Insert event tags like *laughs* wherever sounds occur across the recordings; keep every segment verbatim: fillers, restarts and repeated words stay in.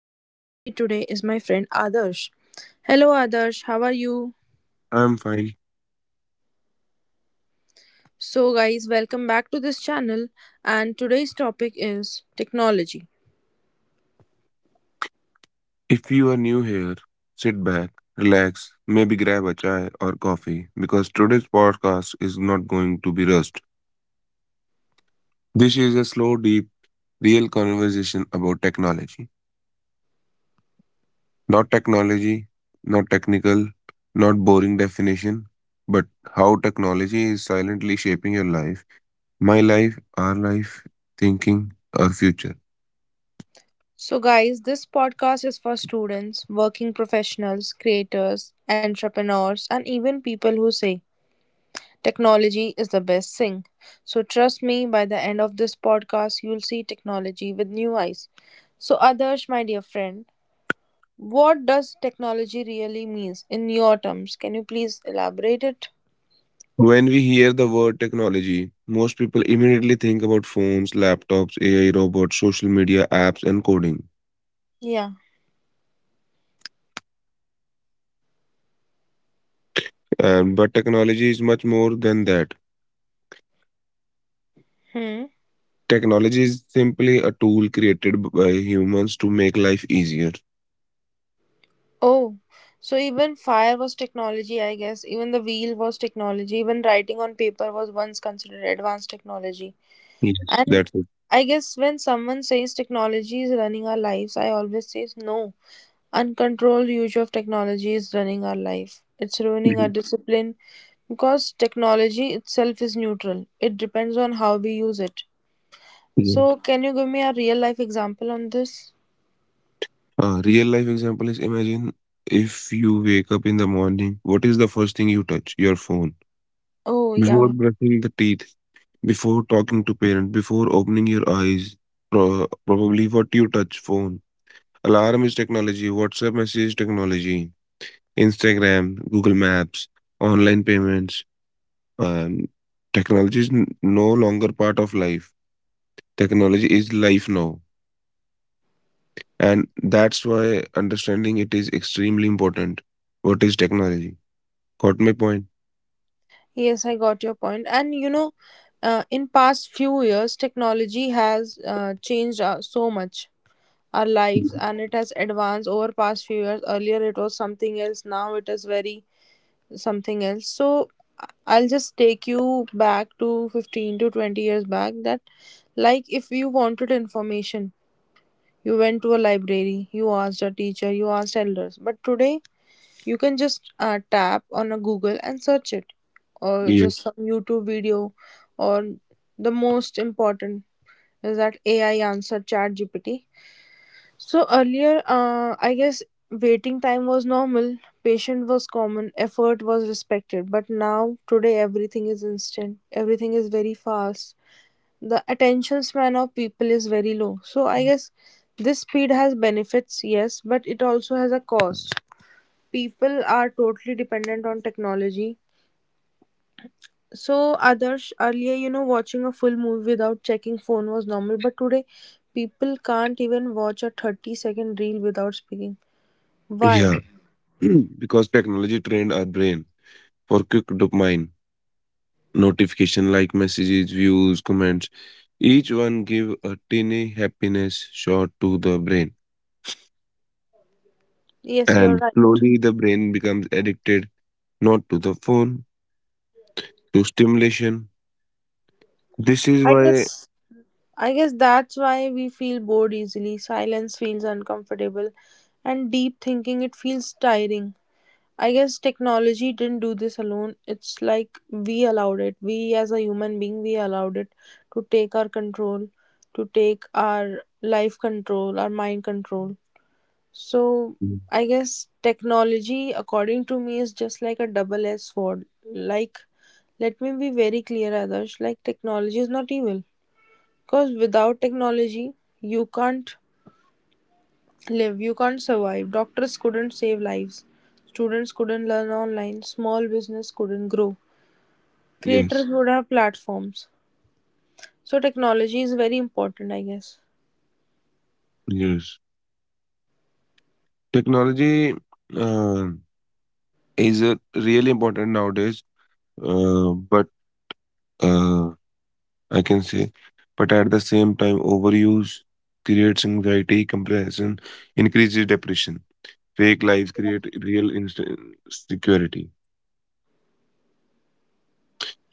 and joining me today is my friend Adarsh. Hello, Adarsh, how are you? I'm fine. So, guys, welcome back to this channel, and today's topic is technology. If you are new here, sit back, relax, maybe grab a chai or coffee because today's podcast is not going to be rushed. This is a slow, deep, real conversation about technology. Not technology, not technical, not boring definition, but how technology is silently shaping your life, my life, our life, thinking, our future. So, guys, this podcast is for students, working professionals, creators, entrepreneurs, and even people who say technology is the best thing. So trust me, by the end of this podcast, you'll see technology with new eyes. So Adarsh, my dear friend, what does technology really means in your terms? Can you please elaborate it? When we hear the word technology, most people immediately think about phones, laptops, A I robots, social media apps, and coding. Yeah. And, but technology is much more than that. Hmm. Technology is simply a tool created b- by humans to make life easier. Oh, so even fire was technology, I guess. Even the wheel was technology. Even writing on paper was once considered advanced technology. Yes, And that's it. I guess when someone says technology is running our lives, I always say no. Uncontrolled use of technology is running our life. It's ruining our Mhm. discipline because technology itself is neutral. It depends on how we use it. Yes. So, can you give me a real life example on this? A real life example is, imagine if you wake up in the morning, what is the first thing you touch? Your phone. Oh, yeah. Before brushing the teeth, before talking to parent, before opening your eyes, pro- probably what you touch phone. Alarm is technology, WhatsApp message is technology, Instagram, Google Maps, online payments. Um, technology is n- no longer part of life. Technology is life now. And that's why understanding it is extremely important. What is technology? Got my point? Yes, I got your point. And you know, uh, in past few years, technology has uh, changed uh, so much our lives, and it has advanced over past few years. Earlier, it was something else. Now, it is very something else. So I- I'll just take you back to fifteen to twenty years back that like if you wanted information, you went to a library, you asked a teacher, you asked elders. But today you can just uh, tap on a Google and search it, or Yeah. just some YouTube video, or the most important is that A I answer chat G P T. So earlier, uh, I guess waiting time was normal, patient was common, effort was respected. But now, today, everything is instant, everything is very fast. The attention span of people is very low. So I guess this speed has benefits, yes, but it also has a cost. People are totally dependent on technology. So, others earlier, you know, watching a full movie without checking phone was normal, but today people can't even watch a thirty second reel without speaking. Why? Yeah. *clears throat* Because technology trained our brain for quick dopamine notification like messages, views, comments. Each one give a tiny happiness shot to the brain. Yes, you're And right. slowly the brain becomes addicted, not to the phone, to stimulation. This is I why. guess I guess that's why we feel bored easily. Silence feels uncomfortable and deep thinking it feels tiring. I guess technology didn't do this alone. It's like we allowed it. We as a human being we allowed it to take our control, to take our life control, our mind control. So Mm. I guess technology, according to me, is just like a double edged sword. Like, let me be very clear, Adarsh, like, technology is not evil. Because without technology, you can't live, you can't survive. Doctors couldn't save lives, students couldn't learn online, small business couldn't grow, Yes, creators would have platforms. So, technology is very important, I guess. yes. Technology uh, is uh, really important nowadays, uh, but uh, I can say, but at the same time, overuse creates anxiety, comparison, increases depression. Fake lives create real insecurity.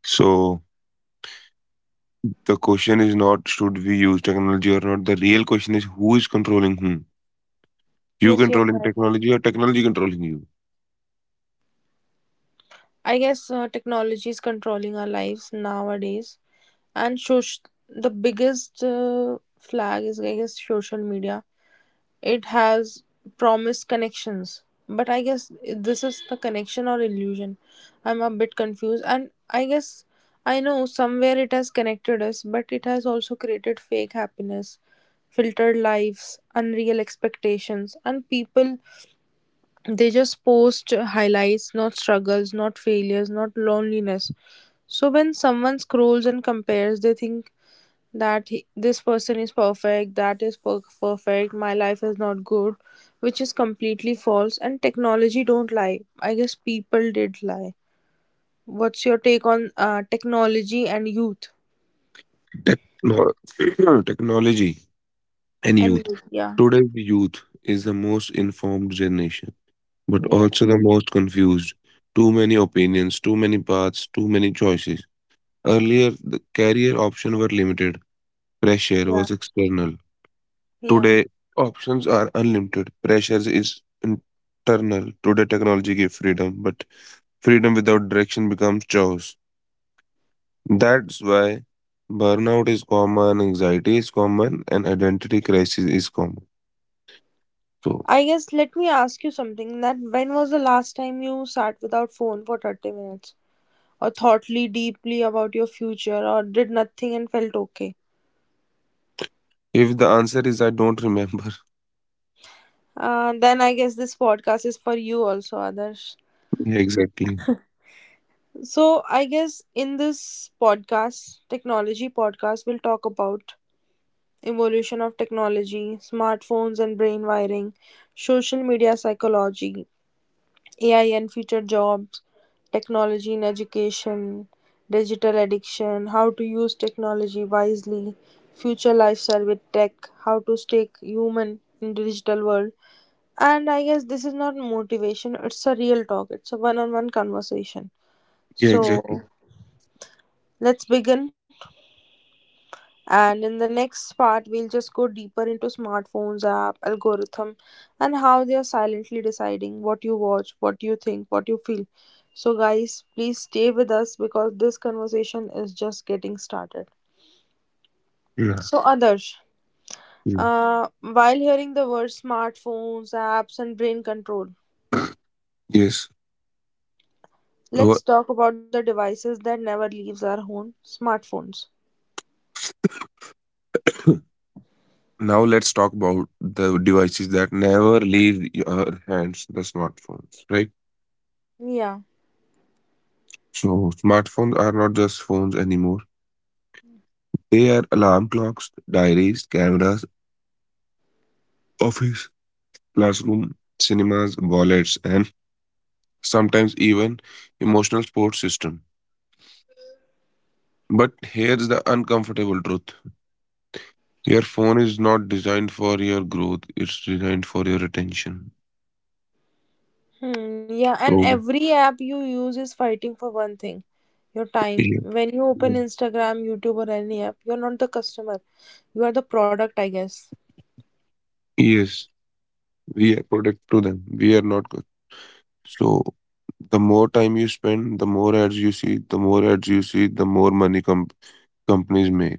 So the question is not should we use technology or not. The real question is who is controlling whom. You Yes, you're controlling right. technology or technology controlling you? I guess uh, technology is controlling our lives nowadays, and soc- the biggest uh, flag is I guess social media. It has promised connections, but I guess this is the connection or illusion. I'm a bit confused, and I guess I know somewhere it has connected us, but it has also created fake happiness, filtered lives, unreal expectations, and people, they just post highlights, not struggles, not failures, not loneliness. So when someone scrolls and compares, they think that he, this person is perfect, that is per- perfect, my life is not good, which is completely false. And technology don't lie. I guess people did lie. What's your take on uh, technology and youth? Techno- *clears throat* technology and And youth. youth, yeah, Today's youth is the most informed generation, but yeah, also the most confused. Too many opinions, too many paths, too many choices. Earlier, the career options were limited. Pressure yeah, was external. yeah. Today, options are unlimited. Pressures is internal. Today, technology gives freedom, but freedom without direction becomes chaos. That's why burnout is common, anxiety is common, and identity crisis is common. So, I guess let me ask you something. That when was the last time you sat without phone for thirty minutes, or thoughtly deeply about your future, or did nothing and felt okay? if the answer is I don't remember. Uh, then I guess this podcast is for you also, Adarsh. *laughs* Yeah, exactly. So, I guess in this podcast, technology podcast, we'll talk about evolution of technology, smartphones and brain wiring, social media psychology, A I and future jobs, technology in education, digital addiction, how to use technology wisely, future lifestyle with tech, how to stay human in digital world. And I guess this is not motivation, it's a real talk. It's a one-on-one conversation. Yeah, exactly. So, let's begin. And in the next part, we'll just go deeper into smartphones, app, algorithm, and how they are silently deciding what you watch, what you think, what you feel. So, guys, please stay with us because this conversation is just getting started. Yeah. So, Adarsh, Yeah. uh, while hearing the words smartphones, apps, and brain control, Yes. Wha- let's talk about the devices that never leaves our home smartphones. *coughs* Now let's talk about the devices that never leave your hands, the smartphones, right? Yeah. So smartphones are not just phones anymore. They are alarm clocks, diaries, cameras, office, classroom, cinemas, wallets, and sometimes even emotional support system. But here's the uncomfortable truth. Your phone is not designed for your growth, it's designed for your attention. Hmm, yeah, and So every app you use is fighting for one thing, your time. yeah. When you Yeah. open Instagram, YouTube, or any app, you're not the customer, you are the product, I guess. Yes, we are product to them. We are not good. So the more time you spend, the more ads you see, the more ads you see, the more money com- companies make.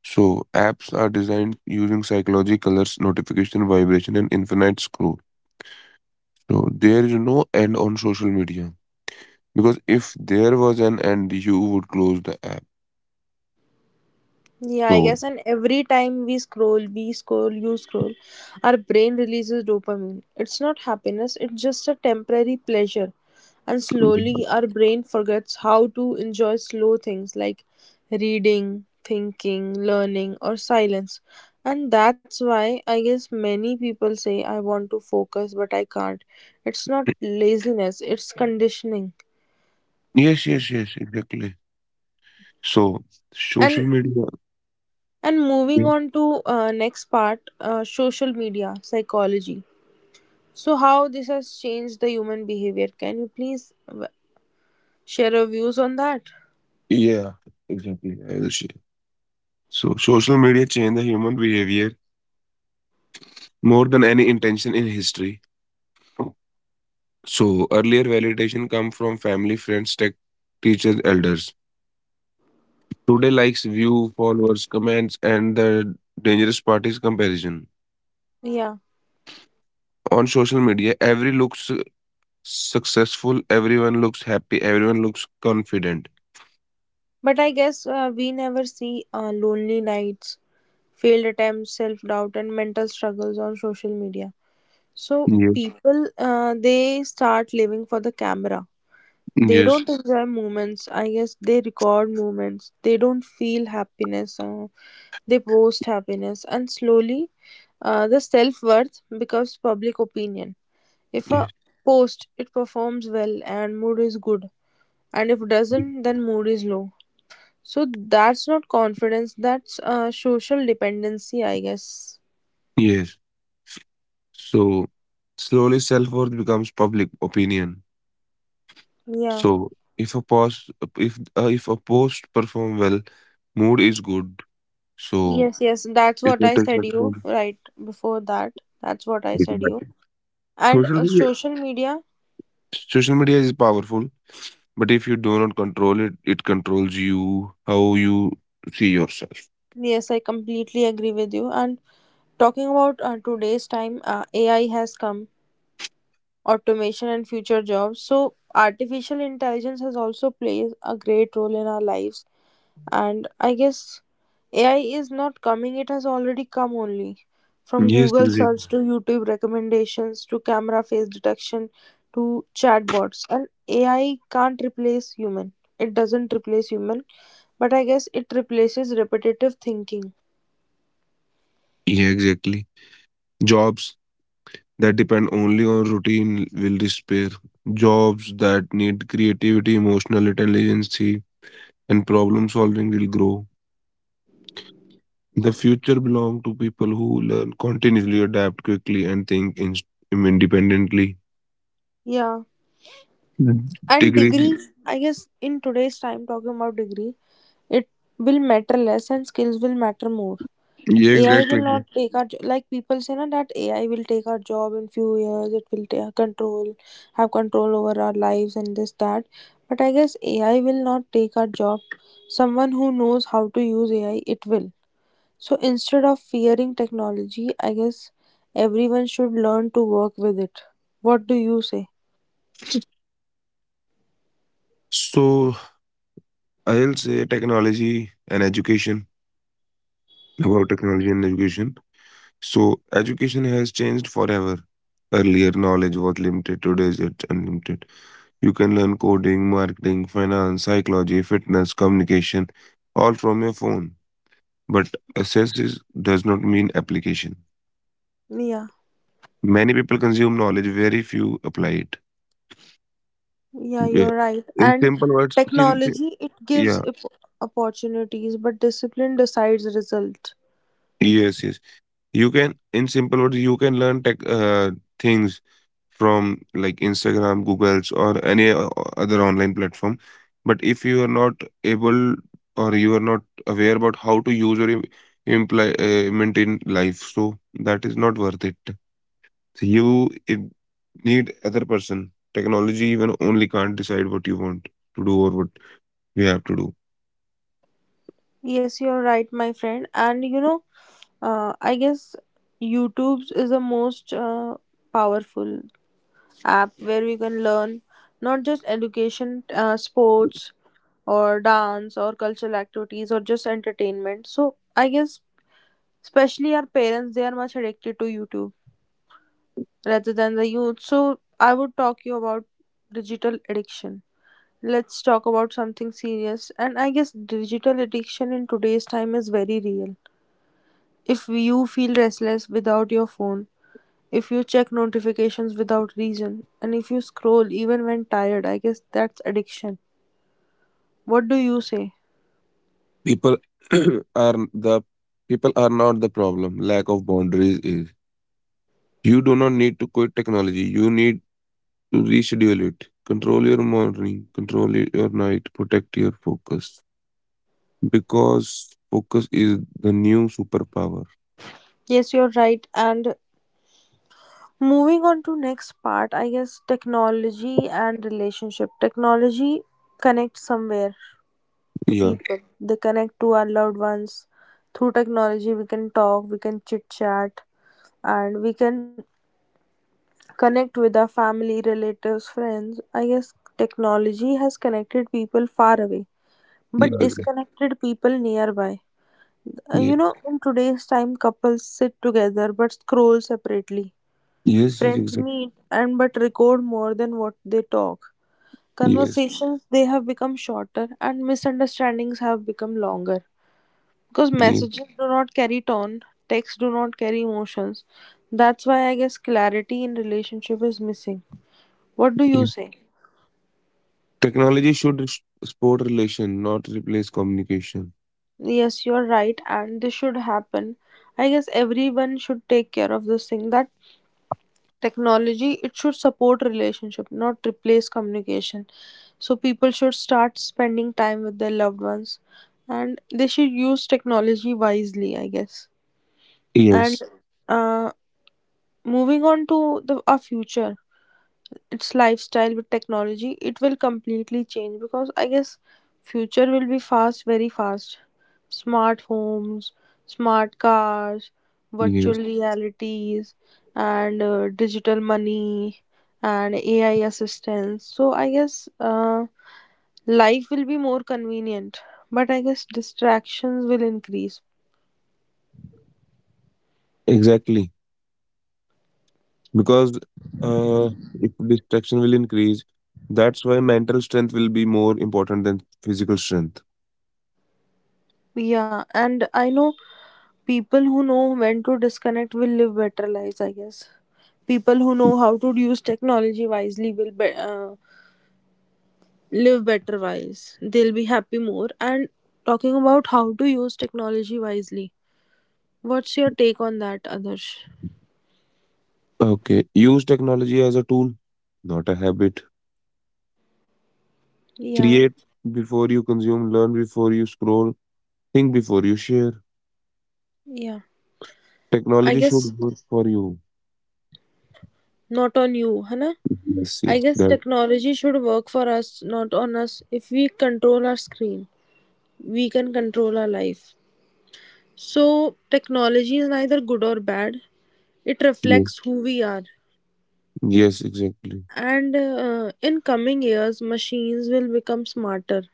So, apps are designed using psychology, colors, notification, vibration, and infinite scroll. So, there is no end on social media because if there was an end, you would close the app. Yeah, I So, guess. And every time we scroll, we scroll, you scroll, our brain releases dopamine. It's not happiness, it's just a temporary pleasure. And slowly, our brain forgets how to enjoy slow things like reading, thinking, learning, or silence. And that's why I guess many people say, I want to focus, but I can't. It's not laziness, it's conditioning. yes, yes, yes, exactly. So, social And media, and yeah, moving on to uh, next part, uh, social media psychology, so how this has changed the human behavior? Can you please uh, share your views on that? yeah, exactly. I will share. So, social media changed the human behavior more than any intention in history. So, earlier validation come from family, friends, tech, teachers, elders. Today likes view, followers, comments, and the dangerous part is comparison. Yeah. On social media, every looks successful, everyone looks happy, everyone looks confident. But I guess uh, we never see uh, lonely nights, failed attempts, self doubt, and mental struggles on social media. So Yes. people, uh, they start living for the camera. They Yes. don't enjoy moments. I guess they record moments. They don't feel happiness. Uh, they post happiness, and slowly, uh, the self worth becomes public opinion. If Yes. a post it performs well and mood is good, and if doesn't, then mood is low. So that's not confidence, that's uh, social dependency, I guess. Yes. So slowly self-worth becomes public opinion. Yeah. So if a post, if uh, if a post perform well, mood is good. So Yes, yes, that's if what it I is said you perform, right before that. That's what I it said you. matters. And social uh, media social media, social media is powerful. But if you do not control it, it controls you, how you see yourself. yes, I completely agree with you. And talking about uh, today's time, uh, A I has come, automation and future jobs. So artificial intelligence has also plays a great role in our lives. And I guess AI is not coming, it has already come only from Yes, Google search exactly. to YouTube recommendations to camera face detection to chatbots. And AI can't replace human, it doesn't replace human, but I guess it replaces repetitive thinking. Yeah, exactly. Jobs that depend only on routine will despair. Jobs that need creativity, emotional intelligence, and problem solving will grow. The future belongs to people who learn continuously, adapt quickly, and think in- independently. Yeah. Mm. And Degree. degrees, I guess in today's time talking about degree, it will matter less and skills will matter more. Yeah, A I will exactly. not take our jo- like people say na that A I will take our job in few years. It will take control, have control over our lives and this that. But I guess A I will not take our job. Someone who knows how to use A I, it will. So instead of fearing technology, I guess everyone should learn to work with it. What do you say? So I'll say technology and education, about technology and education. So education has changed forever. Earlier knowledge was limited, today is it's unlimited. You can learn coding, marketing, finance, psychology, fitness, communication, all from your phone. But access is, does not mean application. Yeah, Many people consume knowledge, very few apply it. yeah, Yeah. you're right. In And simple words, in, technology it gives yeah, op- opportunities, but discipline decides result. yes, yes. You can, in simple words, you can learn tech, uh, things from like Instagram, Google's, or any o- other online platform. But if you are not able or you are not aware about how to use or im- imply, uh, maintain life, so that is not worth it. So you it, need other person. Technology even only can't decide what you want to do or what you have to do. Yes, you're right, my friend. And you know, uh, I guess YouTube is the most uh, powerful app where we can learn not just education, uh, sports, or dance, or cultural activities, or just entertainment. So I guess, especially our parents, they are much addicted to YouTube rather than the youth. So I would talk you about digital addiction. Let's talk about something serious. And I guess digital addiction in today's time is very real. If you feel restless without your phone, if you check notifications without reason, and if you scroll even when tired, I guess that's addiction. What do you say? People *clears throat* are, the people are not the problem, lack of boundaries is. You do not need to quit technology, you need. Reschedule it. Control your morning, control y- your night, protect your focus. Because focus is the new superpower. Yes, you're right. And moving on to next part, I guess technology and relationship. Technology connects somewhere to Yeah, people. They connect to our loved ones. Through technology we can talk, we can chit chat, and we can connect with our family, relatives, friends. I guess technology has connected people far away, yeah, but exactly. disconnected people nearby. Uh, Yeah. You know, in today's time, couples sit together but scroll separately. Yes, yes, Friends exactly. meet and but record more than what they talk. Yes, Conversations they have become shorter and misunderstandings have become longer because yeah, messages do not carry tone, texts do not carry emotions. That's why I guess clarity in relationship is missing. What do yeah. you say? Technology should s- support relation, not replace communication. Yes, you're right, and this should happen. I guess everyone should take care of this thing. That technology it should support relationship, not replace communication. So people should start spending time with their loved ones, and they should use technology wisely. I guess. And Yes, uh, moving on to the our future. Its lifestyle with technology it will completely change because I guess future will be fast, very fast. Smart homes, smart cars, virtual yes, realities, and uh, digital money and AI assistance. So I guess uh, life will be more convenient, but I guess distractions will increase. exactly. Because uh, if distraction will increase, that's why mental strength will be more important than physical strength. Yeah. And I know people who know when to disconnect will live better lives. I guess people who know how to use technology wisely will be, uh, live better wise, they'll be happy more. And talking about how to use technology wisely, what's your take on that, Adarsh? Okay. Use technology as a tool, not a habit. Yeah, Create before you consume, learn before you scroll, think before you share. yeah, I Technology guess should work for you. not on you, Hana. Yes, I yes, guess that's technology should work for us, not on us. If we control our screen, we can control our life. So technology is neither good or bad, it true. reflects who we are. Yes, exactly. And uh, in coming years, machines will become smarter.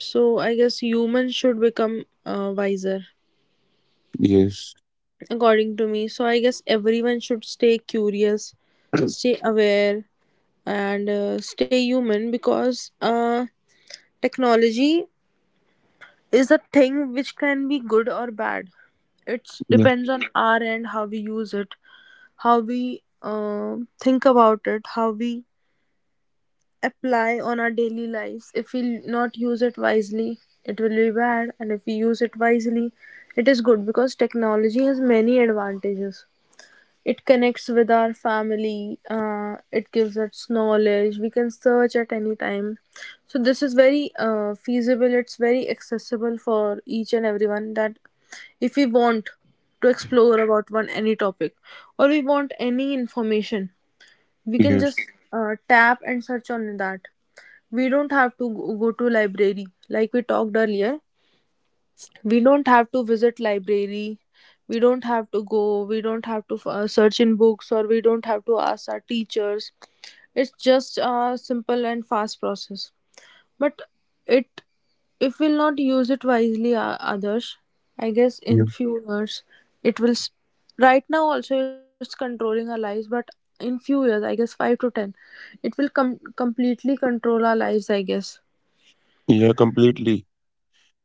So I guess humans should become uh, wiser, Yes, according to me. So I guess everyone should stay curious, stay aware, and uh, stay human because uh, technology is a thing which can be good or bad. It yeah, depends on our end how we use it, how we uh, think about it, how we apply on our daily lives. If we not use it wisely, it will be bad, and if we use it wisely, it is good because technology has many advantages. It connects with our family, uh, it gives us knowledge, we can search at any time. So, this is very uh, feasible, it's very accessible for each and everyone, that if we want to explore about one any topic or we want any information, we can yes, just uh, tap and search on that. We don't have to go go to library like we talked earlier. We don't have to visit library, we don't have to go, we don't have to uh, search in books, or we don't have to ask our teachers. It's just a simple and fast process. But it, if we'll not use it wisely, uh, others, I guess yeah, in few years, it will s- right now also it's controlling our lives, but in few years I guess five to ten, it will com- completely control our lives, I guess. yeah, completely.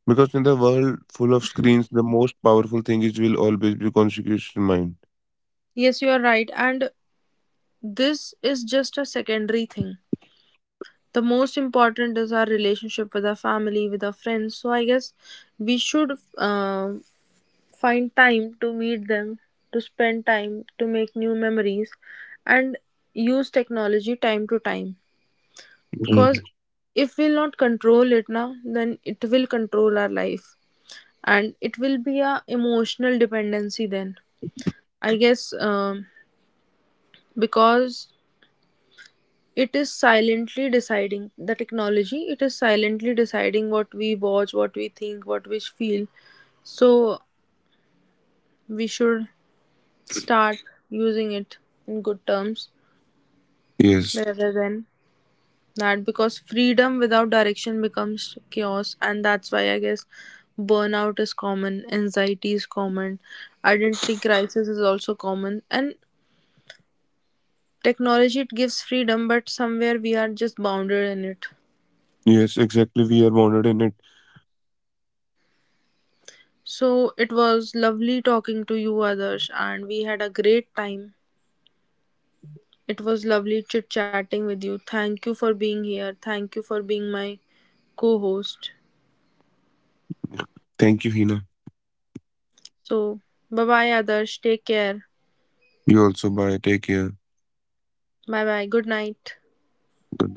Because in the world full of screens, the most powerful thing is will always be conscious mind. Yes, you are right. And this is just a secondary thing. The most important is our relationship with our family, with our friends. So I guess we should uh, find time to meet them, to spend time, to make new memories, and use technology time to time. Right. Because if we'll not control it now, then it will control our life, and it will be a emotional dependency. Then I guess um, because it is silently deciding the technology. It is silently deciding what we watch, what we think, what we feel. So we should start using it in good terms Yes, rather than that, because freedom without direction becomes chaos. And that's why I guess burnout is common, anxiety is common, identity crisis is also common. And technology it gives freedom, but somewhere we are just bounded in it. yes, exactly. We are bonded in it. So it was lovely talking to you, Adarsh, and we had a great time. It was lovely chit chatting with you. Thank you for being here. Thank you for being my co host. Thank you, Hina. So, bye bye, Adarsh. Take care. You also. Bye. Take care. Bye bye. Good night. Good.